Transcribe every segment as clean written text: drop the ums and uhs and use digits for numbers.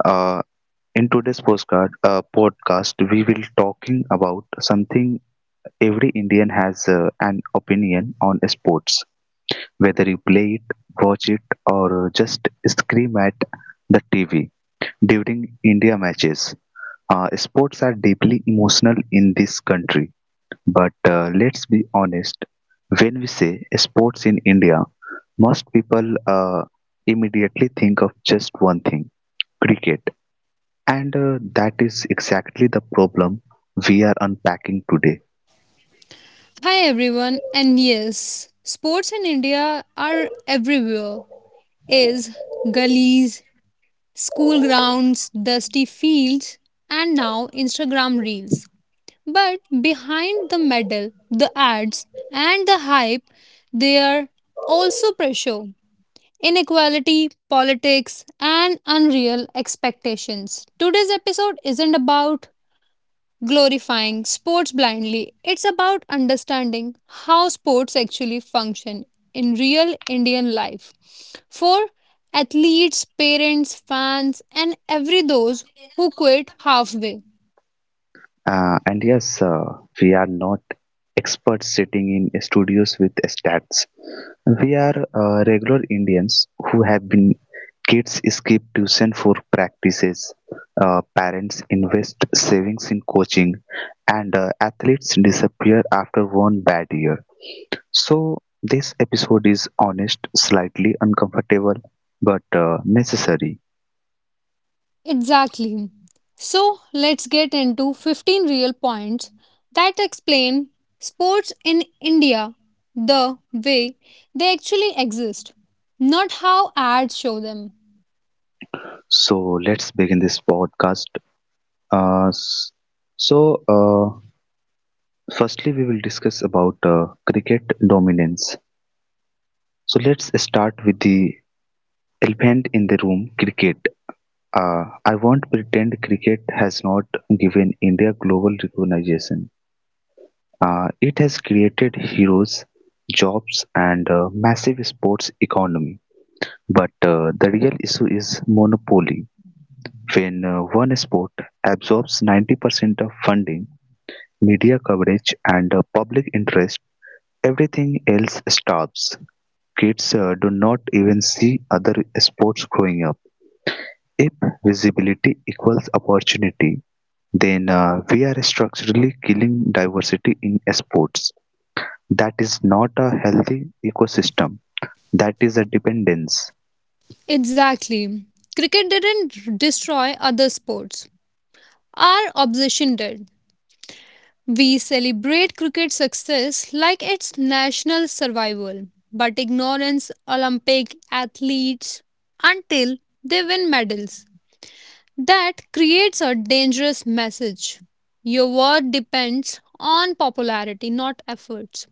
Uh, in today's podcast, we will talking about something every Indian has an opinion on sports, whether you play it, watch it, or just scream at the TV during India matches. Sports are deeply emotional in this country, but let's be honest. When we say sports in India, most people immediately think of just one thing, cricket. And that is exactly the problem we are unpacking today. Hi everyone, and yes, sports in India are everywhere. Is gullies, school grounds, dusty fields, and now Instagram reels. But behind the medal, the ads, and the hype, there are also pressure, inequality, politics, and unreal expectations. Today's episode isn't about glorifying sports blindly. It's about understanding how sports actually function in real Indian life for athletes, parents, fans, and every those who quit halfway. And yes, we are not experts sitting in studios with stats. We are regular Indians who have been kids skip tuition for practices, parents invest savings in coaching, and athletes disappear after one bad year. So, this episode is honest, slightly uncomfortable, but necessary. Exactly. So let's get into 15 real points that explain sports in India the way they actually exist, not how ads show them. So, let's begin this podcast. Uh, s- so, firstly, we will discuss about cricket dominance. So, let's start with the elephant in the room, cricket. I won't pretend cricket has not given India global recognition. It has created heroes, jobs, and a massive sports economy. But the real issue is monopoly. When one sport absorbs 90% of funding, media coverage, and public interest, everything else starves. Kids do not even see other sports growing up. If visibility equals opportunity, then we are structurally killing diversity in sports. That is not a healthy ecosystem, that is a dependence. Exactly. Cricket didn't destroy other sports. Our obsession did. We celebrate cricket success like it's national survival, but ignorance Olympic athletes until they win medals. That creates a dangerous message. Your worth depends on popularity, not efforts.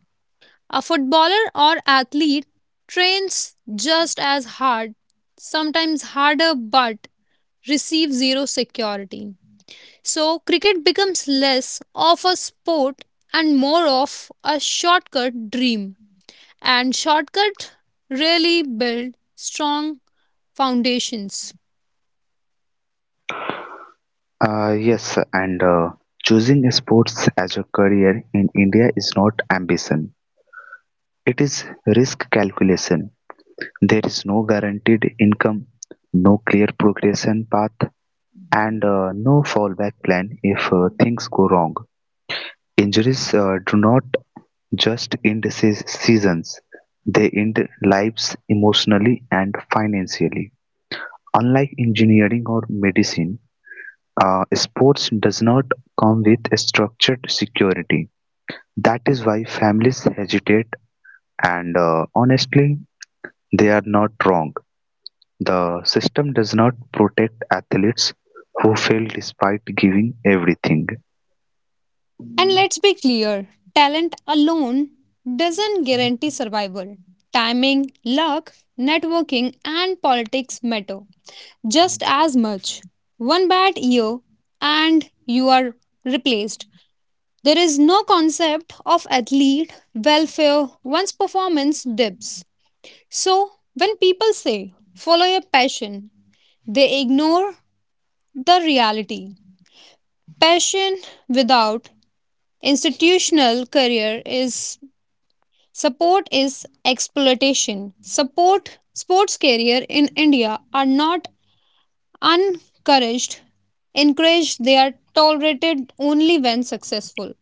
A footballer or athlete trains just as hard, sometimes harder, but receive zero security. So, cricket becomes less of a sport and more of a shortcut dream. And shortcut really build strong foundations. Yes, and choosing sports as a career in India is not ambition. It is risk calculation. There is no guaranteed income, no clear progression path, and no fallback plan if things go wrong. Injuries do not just end seasons, they end lives emotionally and financially. Unlike engineering or medicine, sports does not come with a structured security. That is why families hesitate and honestly they are not wrong. The system does not protect athletes who fail despite giving everything. And let's be clear talent alone doesn't guarantee survival. Timing, luck, networking, and politics matter just as much. One bad year, and you are replaced. There is no concept of athlete welfare once performance dips. So, when people say follow your passion, they ignore the reality. Passion without institutional career is support is exploitation. Support sports career in India are not encouraged, encouraged they are tolerated only when successful.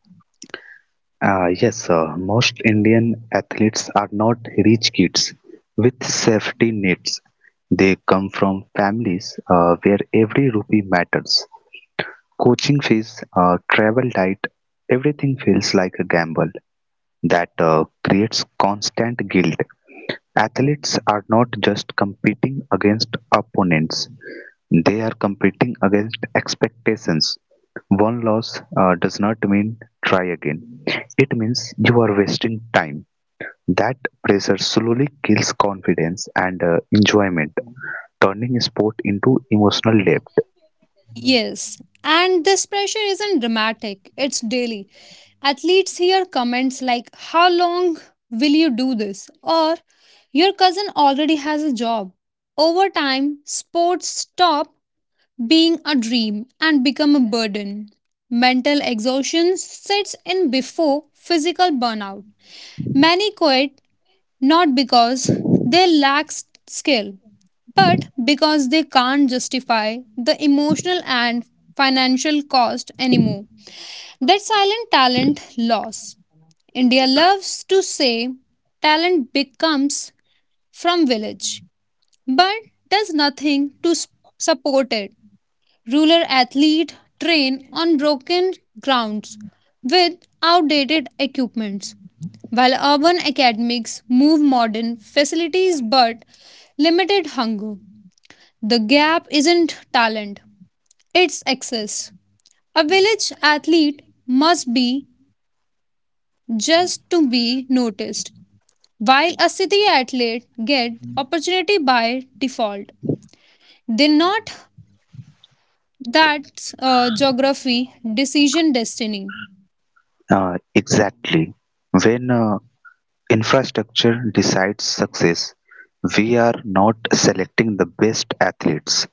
Yes, most Indian athletes are not rich kids with safety nets. They come from families where every rupee matters. Coaching fees, travel diet, everything feels like a gamble that creates constant guilt. Athletes are not just competing against opponents, they are competing against expectations. One loss does not mean try again, it means you are wasting time. That pressure slowly kills confidence and enjoyment, turning sport into emotional debt. Yes, and this pressure isn't dramatic, it's daily. Athletes hear comments like, "How long will you do this?" or "Your cousin already has a job." Over time, sports stop being a dream and become a burden. Mental exhaustion sets in before physical burnout. Many quit not because they lack skill, but because they can't justify the emotional and financial cost anymore. That silent talent loss. India loves to say talent becomes from village, but does nothing to support it. Rural athlete train on broken grounds with outdated equipments while urban academics move modern facilities but limited hunger. The gap isn't talent, it's access. A village athlete must be just to be noticed, while a city athlete get opportunity by default. They not that geography decision destiny. Exactly. When infrastructure decides success, we are not selecting the best athletes.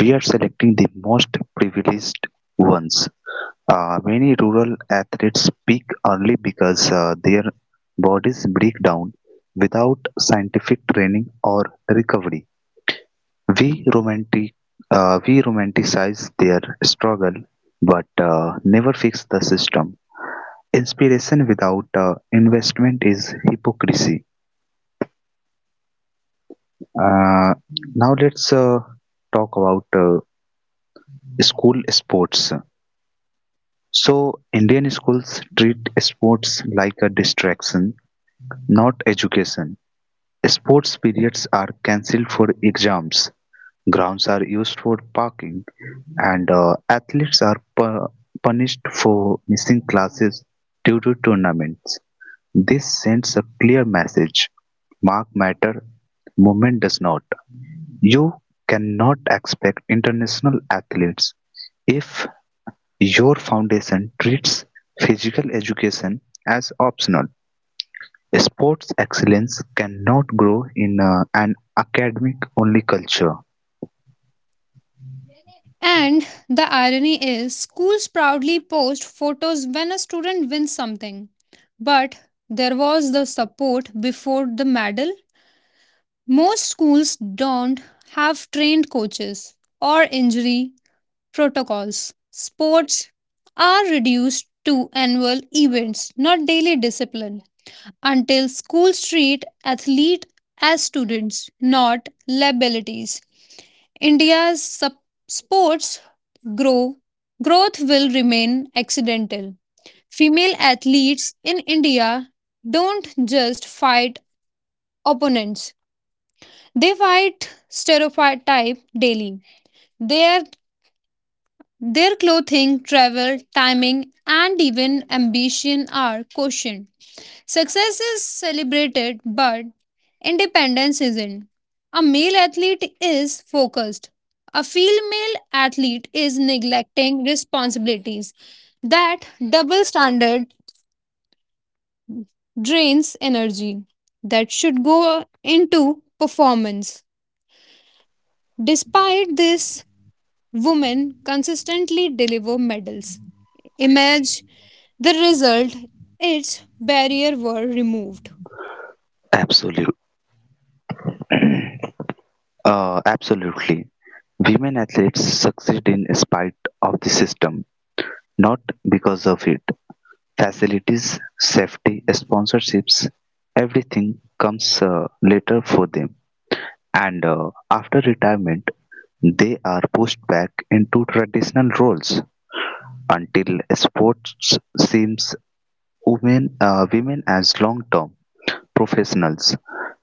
We are selecting the most privileged ones. Many rural athletes peak early because their bodies break down without scientific training or recovery. We romantic, we romanticize their struggle, but never fix the system. Inspiration without investment is hypocrisy. Uh, now let's talk about school sports. So, Indian schools treat sports like a distraction, not education. Sports periods are cancelled for exams, grounds are used for parking, and athletes are punished for missing classes due to tournaments. This sends a clear message: mark matter, movement does not. You cannot expect international athletes if your foundation treats physical education as optional; sports excellence cannot grow in an academic-only culture. And the irony is, schools proudly post photos when a student wins something. But there was the support before the medal. Most schools don't have trained coaches or injury protocols. Sports are reduced to annual events, not daily discipline, until schools treat athletes as students, not liabilities. India's sup- sports grow growth will remain accidental. Female athletes in India don't just fight opponents; they fight stereotype daily. Their their clothing, travel, timing, and even ambition are questioned. Success is celebrated, but independence isn't. A male athlete is focused. A female athlete is neglecting responsibilities. That double standard drains energy that should go into performance. Despite this, women consistently deliver medals, image, The result its barrier were removed. Absolute, absolutely. Women athletes succeed in spite of the system, not because of it. Facilities, safety, sponsorships, everything comes later for them. And after retirement, they are pushed back into traditional roles. Until sports seems women women as long-term professionals,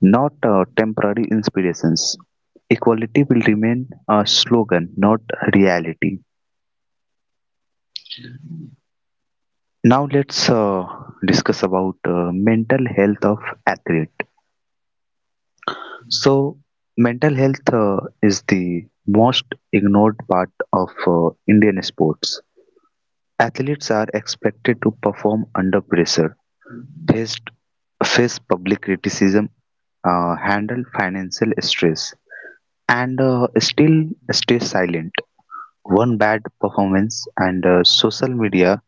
not temporary inspirations. Equality will remain a slogan, not reality. Now let's discuss about mental health of athlete. So mental health is the most ignored part of Indian sports. Athletes are expected to perform under pressure, faced faced public criticism, handled financial stress, and still stay silent. One bad performance and social media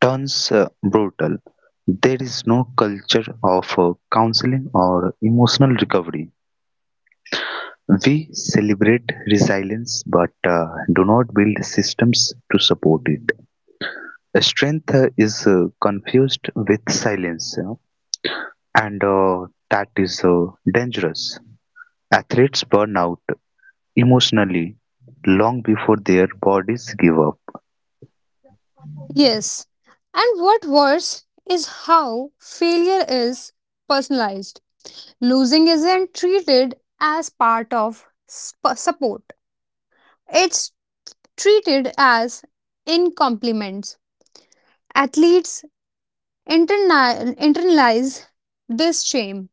turns brutal. There is no culture of counseling or emotional recovery. We celebrate resilience but do not build systems to support it. Strength is confused with silence, and that is dangerous. Athletes burn out emotionally long before their bodies give up. Yes. And what worse is how failure is personalized. Losing isn't treated as part of support, it's treated as incompliments. Athletes internalize this shame.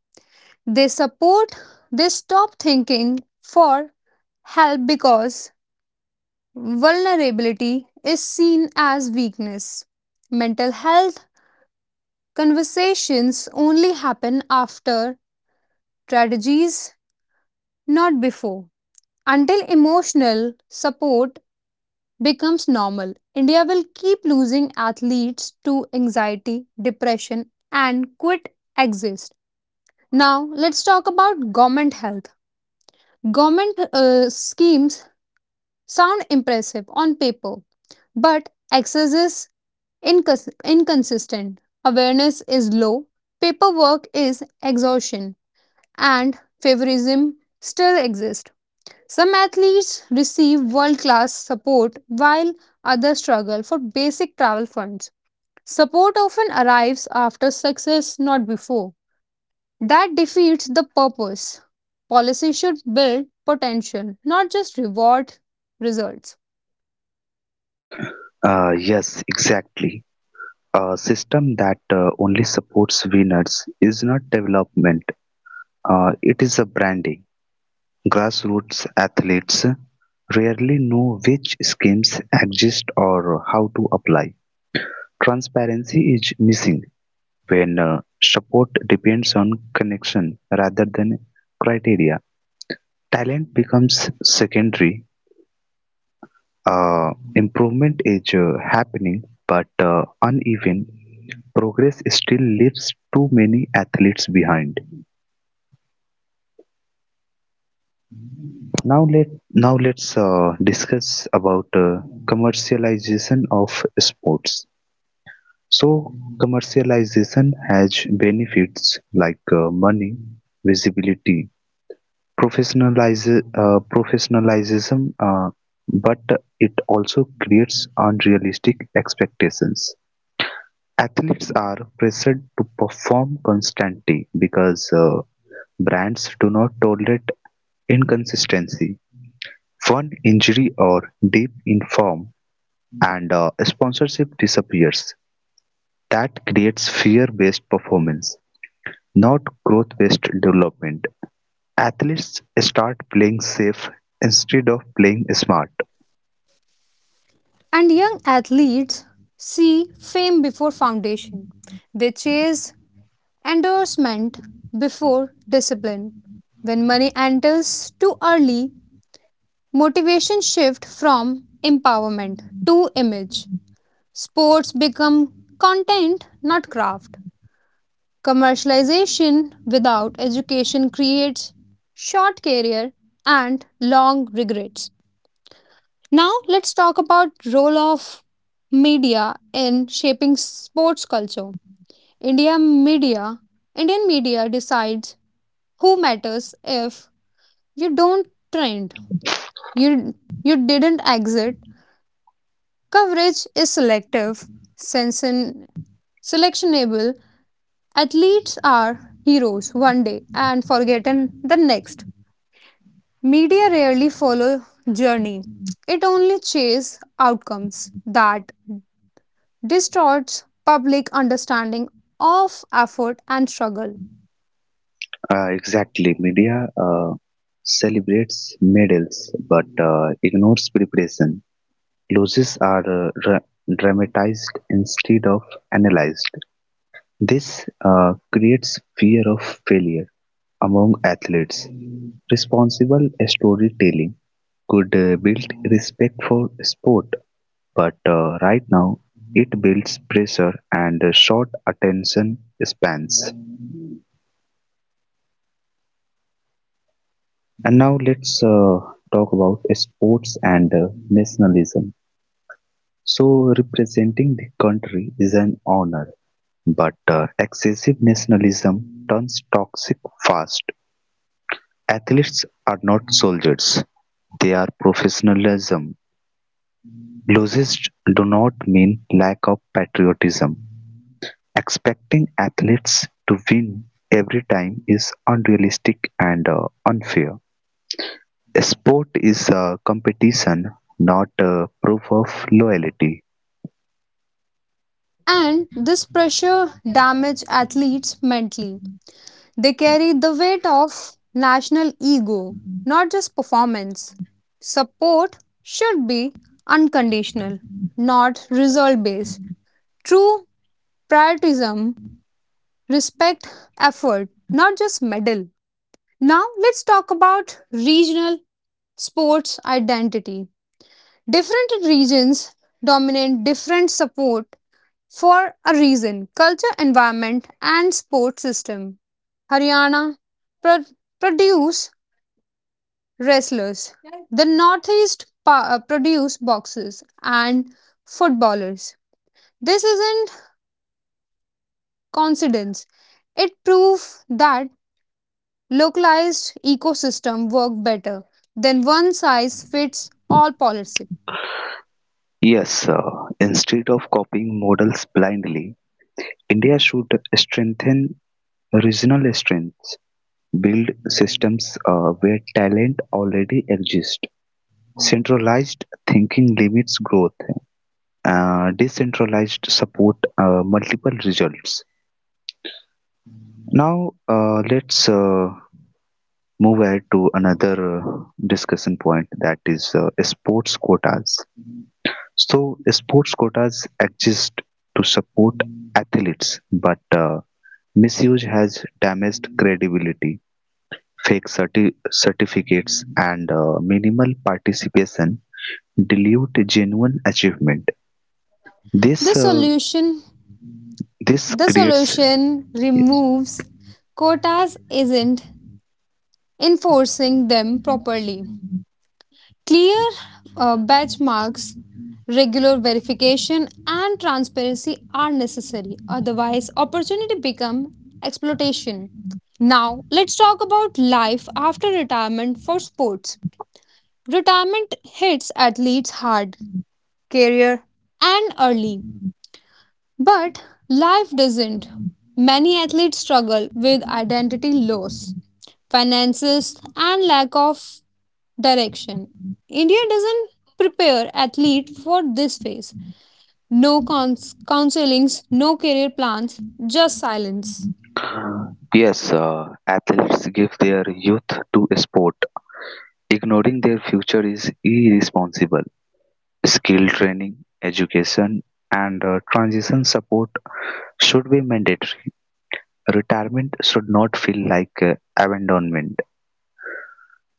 They support, they stop thinking for help because vulnerability is seen as weakness. Mental health conversations only happen after tragedies, not before. Until emotional support becomes normal, India will keep losing athletes to anxiety, depression, and quit exist. Now, let's talk about government health. Government schemes sound impressive on paper, but excesses inconsistent. Awareness is low, paperwork is exhaustion, and favorism still exists. Some athletes receive world class support while others struggle for basic travel funds. Support often arrives after success, not before. That defeats the purpose. Policy should build potential, not just reward results. Yes, exactly. A system that only supports winners is not development, it is a branding. Grassroots athletes rarely know which schemes exist or how to apply. Transparency is missing when support depends on connection rather than criteria. Talent becomes secondary. Improvement is happening, but uneven progress still leaves too many athletes behind. Now let now let's discuss about commercialization of sports. So commercialization has benefits like money, visibility, professionalize, professionalism, but it also creates unrealistic expectations. Athletes are pressured to perform constantly because brands do not tolerate inconsistency, one injury or dip in form and sponsorship disappears. That creates fear-based performance, not growth-based development. Athletes start playing safe instead of playing smart. And young athletes see fame before foundation. They chase endorsement before discipline. When money enters too early, motivation shift from empowerment to image. Sports become content, not craft. Commercialization without education creates short career and long regrets. Now let's talk about role of media in shaping sports culture. India media Indian media decides who matters if you don't trend. You you didn't exit. Coverage is selective. Sensen, selectionable athletes are heroes one day and forgotten the next. Media rarely follow journey. It only chase outcomes that distorts public understanding of effort and struggle. Exactly, media celebrates medals but ignores preparation. Losses are dramatized instead of analyzed; this creates fear of failure among athletes. Responsible storytelling could build respect for sport, but right now it builds pressure and short attention spans. And now let's talk about sports and nationalism. So, representing the country is an honor, but excessive nationalism turns toxic fast; athletes are not soldiers, they are professionalism. Losses do not mean lack of patriotism. Expecting athletes to win every time is unrealistic and unfair. Sport is a competition, not a proof of loyalty. And this pressure damages athletes mentally. They carry the weight of national ego, not just performance. Support should be unconditional, not result based. True patriotism respect effort, not just medal. Now let's talk about regional sports identity. Different regions dominate different support for a reason culture, environment, and sport system. Haryana pro- produce wrestlers, the Northeast produce boxers and footballers. This isn't coincidence. It proves that localized ecosystem work better than one size fits all policy. Yes, instead of copying models blindly, India should strengthen regional strengths, build systems where talent already exists. Centralized thinking limits growth. Decentralized support multiple results. Now let's move ahead to another discussion point, that is sports quotas. So sports quotas exist to support athletes, but misuse has damaged credibility, fake certificates and minimal participation dilute genuine achievement. The this uh, solution this The creates solution removes quotas isn't enforcing them properly. Clear benchmarks, regular verification and transparency are necessary otherwise opportunity become exploitation. Now let's talk about life after retirement for sports. Retirement hits athletes hard, career and early. But life doesn't. Many athletes struggle with identity loss, finances, and lack of direction. India doesn't prepare athletes for this phase. No counselings, no career plans, just silence. yes athletes give their youth to sport, ignoring their future is irresponsible. Skill training, education, and transition support should be mandatory. Retirement should not feel like abandonment.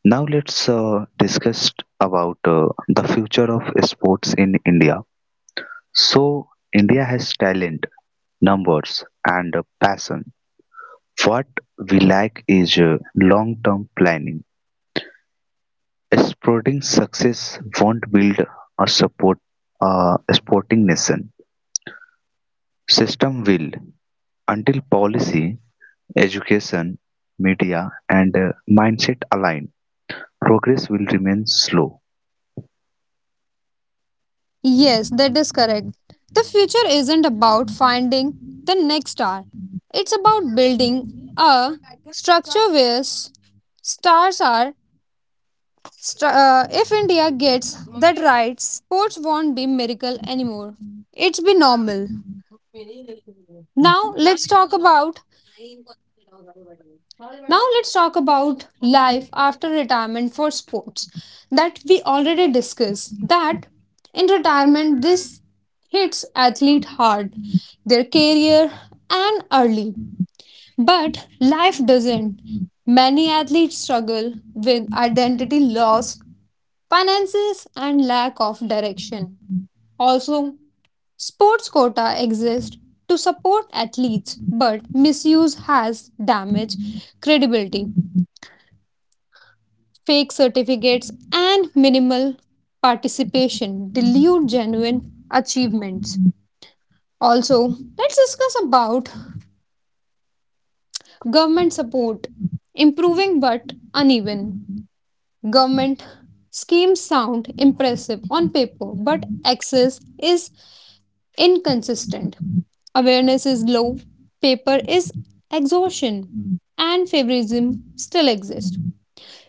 Now let's discuss about the future of sports in India. So India has talent, numbers, and passion. What we lack is long-term planning. Sporting success won't build a support a sporting nation. System will, until policy, education, media, and mindset align. Progress will remain slow. Yes, that is correct. The future isn't about finding the next star. It's about building a structure where stars are. If India gets that right, sports won't be miracle anymore. It's be normal. Now let's talk about now let's talk about life after retirement for sports that we already discussed. That in retirement this hits athlete hard, their career and early. But life doesn't. Many athletes struggle with identity loss finances and lack of direction. Also, sports quota exist to support athletes, but misuse has damaged credibility. Fake certificates and minimal participation dilute genuine achievements. Also, let's discuss about government support. Improving but uneven. Government schemes sound impressive on paper, but access is inconsistent. Awareness is low, paper is exhaustion, and favorism still exists.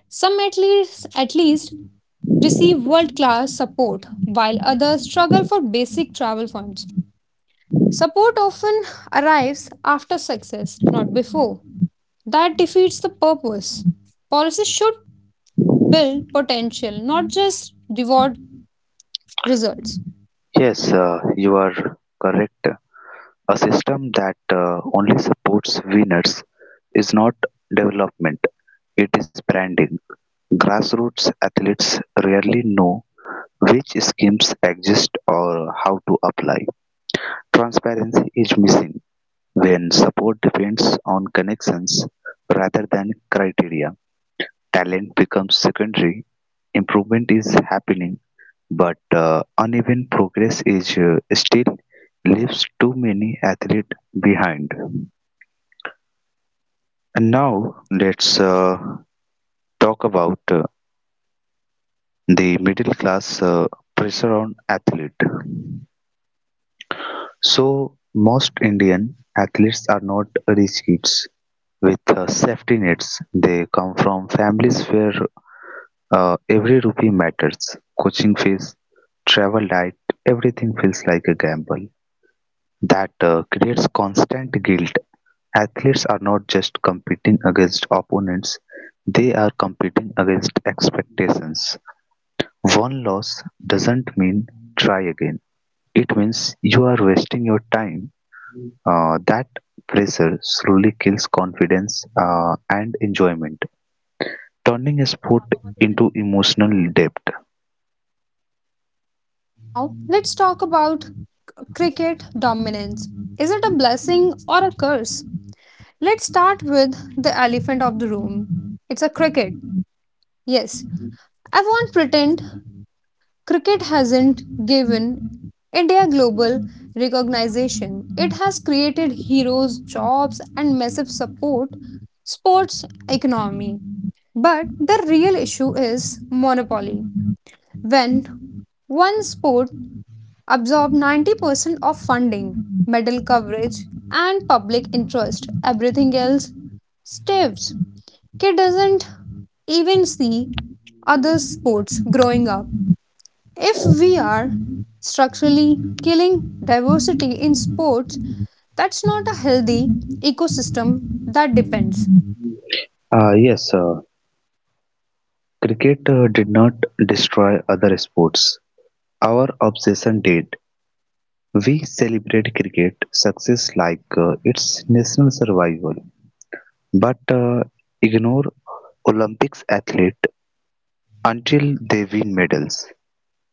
Some at least receive world class support, while others struggle for basic travel funds. Support often arrives after success, not before. That defeats the purpose. Policies should build potential, not just reward results. Yes, you are correct. A system that only supports winners is not development, it is branding. Grassroots athletes rarely know which schemes exist or how to apply. Transparency is missing when support depends on connections rather than criteria. Talent becomes secondary, improvement is happening, but uneven progress is still leaves too many athletes behind. And now let's talk about the middle class pressure on athlete. So most Indian athletes are not rich kids with safety nets. They come from families where every rupee matters. Coaching fees, travel diet, everything feels like a gamble. That creates constant guilt. Athletes are not just competing against opponents; they are competing against expectations. One loss doesn't mean try again. It means you are wasting your time. That pressure slowly kills confidence and enjoyment, turning a sport into emotional debt. Now, let's talk about cricket dominance. Is it a blessing or a curse? Let's start with the elephant of the room. It's a cricket. Yes, I won't pretend cricket hasn't given India global recognition. It has created heroes, jobs, and massive support sports economy. But the real issue is monopoly. When one sport absorb 90% of funding, medal coverage, and public interest. Everything else staves. Kid doesn't even see other sports growing up. If we are structurally killing diversity in sports, that's not a healthy ecosystem that depends. Yes, cricket did not destroy other sports. Our obsession did. We celebrate cricket success like its national survival, but ignore Olympics athlete until they win medals.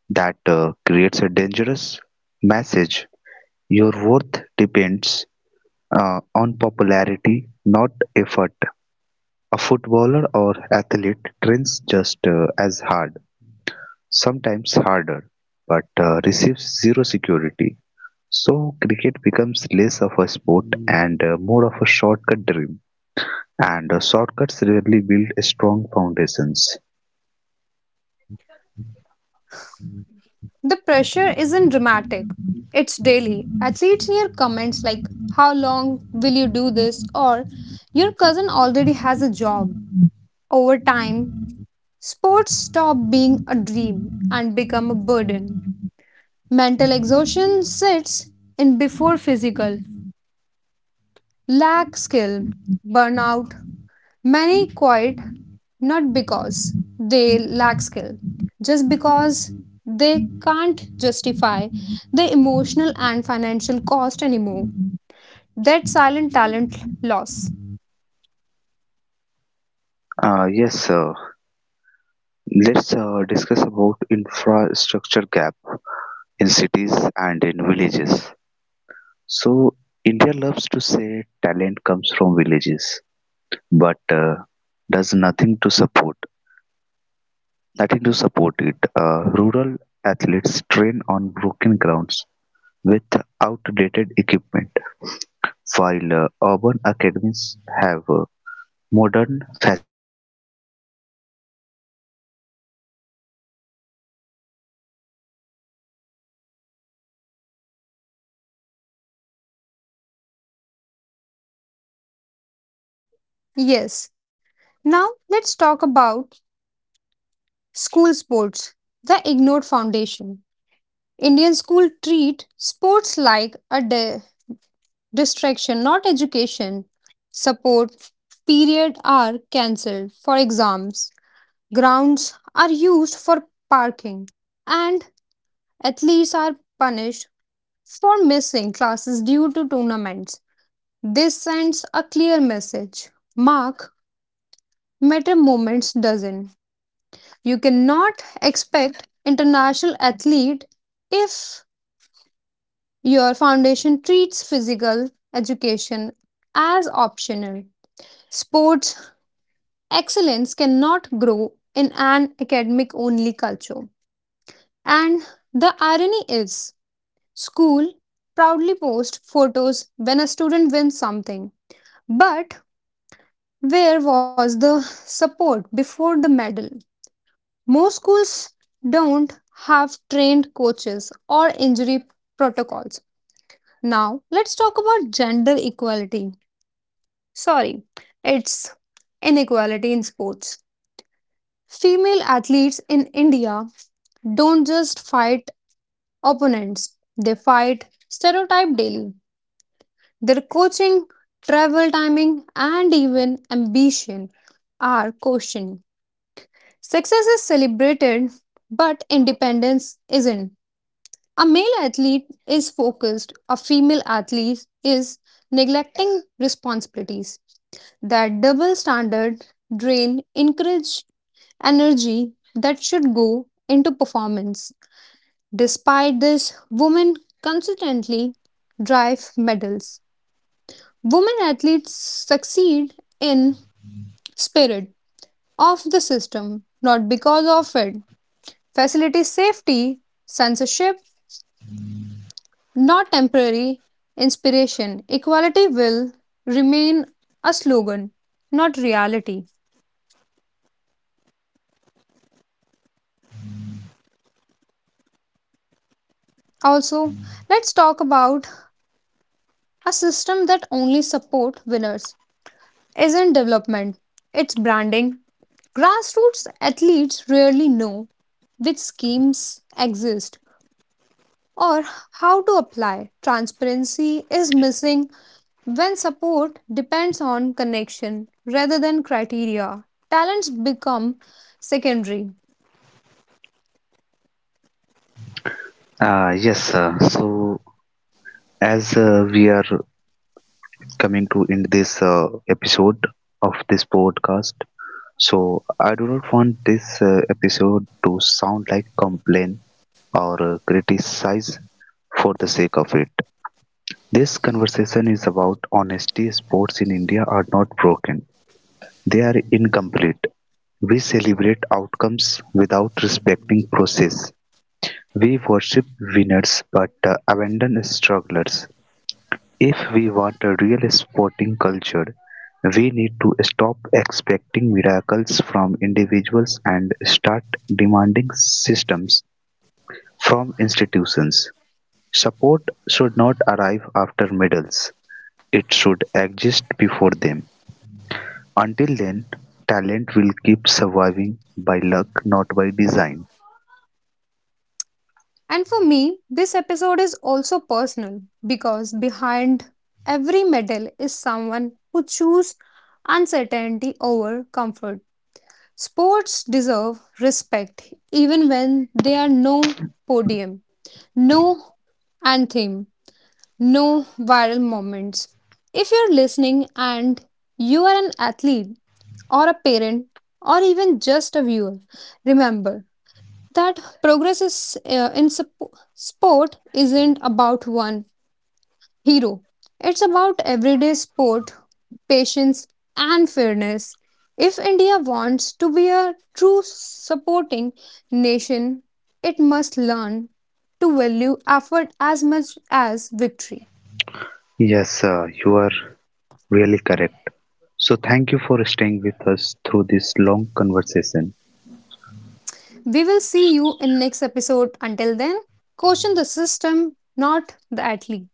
That creates a dangerous message. Your worth depends on popularity, not effort. A footballer or athlete trains just as hard, sometimes harder, but receives zero security. So, cricket becomes less of a sport and more of a shortcut dream. And shortcuts rarely build strong foundations. The pressure isn't dramatic, it's daily. Athletes hear comments like, "How long will you do this?" or "Your cousin already has a job." Over time, sports stop being a dream and become a burden. Mental exhaustion sits in before physical. Lack skill, burnout. Many quit not because they lack skill, just because they can't justify the emotional and financial cost anymore. That silent talent loss. Yes, sir. Let's discuss about infrastructure gap in cities and in villages. So India loves to say talent comes from villages, but does nothing to support it. Rural athletes train on broken grounds with outdated equipment. Yes. Now let's talk about school sports, the ignored foundation. Indian schools treat sports like a distraction, not education. Support period are cancelled for exams. Grounds are used for parking, and athletes are punished for missing classes due to tournaments. This sends a clear message: mark matter moments doesn't. You cannot expect international athlete if your foundation treats physical education as optional. Sports excellence cannot grow in an academic only culture. And the irony is, school proudly post photos when a student wins something. But where was the support before the medal? Most schools don't have trained coaches or injury protocols. Now, let's talk about gender equality. Sorry, it's inequality in sports. Female athletes in India don't just fight opponents, they fight stereotype daily. Their coaching, travel timing, and even ambition are questioned. Success is celebrated, but independence isn't. A male athlete is focused, a female athlete is neglecting responsibilities. That double standard drain encourage energy that should go into performance. Despite this, women consistently drive medals. Women athletes succeed in spirit of the system, not because of it. Facility safety, censorship, not temporary inspiration. Equality will remain a slogan, not reality. Also, let's talk about a system that only support winners. Isn't development, it's branding. Grassroots athletes rarely know which schemes exist or how to apply. Transparency is missing when support depends on connection rather than criteria. Talents become secondary. Yes, so as we are coming to end this episode of this podcast, so I do not want this episode to sound like complain or criticize for the sake of it. This conversation is about honesty. Sports in India are not broken; they are incomplete. We celebrate outcomes without respecting process. We worship winners but abandon strugglers. If we want a real sporting culture, we need to stop expecting miracles from individuals and start demanding systems from institutions. Support should not arrive after medals, it should exist before them. Until then, talent will keep surviving by luck, not by design. And for me, this episode is also personal because behind every medal is someone who choose uncertainty over comfort. Sports deserve respect even when there are no podium, no anthem, no viral moments. If you're listening and you are an athlete or a parent or even just a viewer, remember that progress is in sport isn't about one hero, it's about everyday sport, patience, and fairness. If India wants to be a true supporting nation, it must learn to value effort as much as victory. Yes, sir, you are really correct. So, thank you for staying with us through this long conversation. We will see you in next episode, until then, caution the system, not the athlete.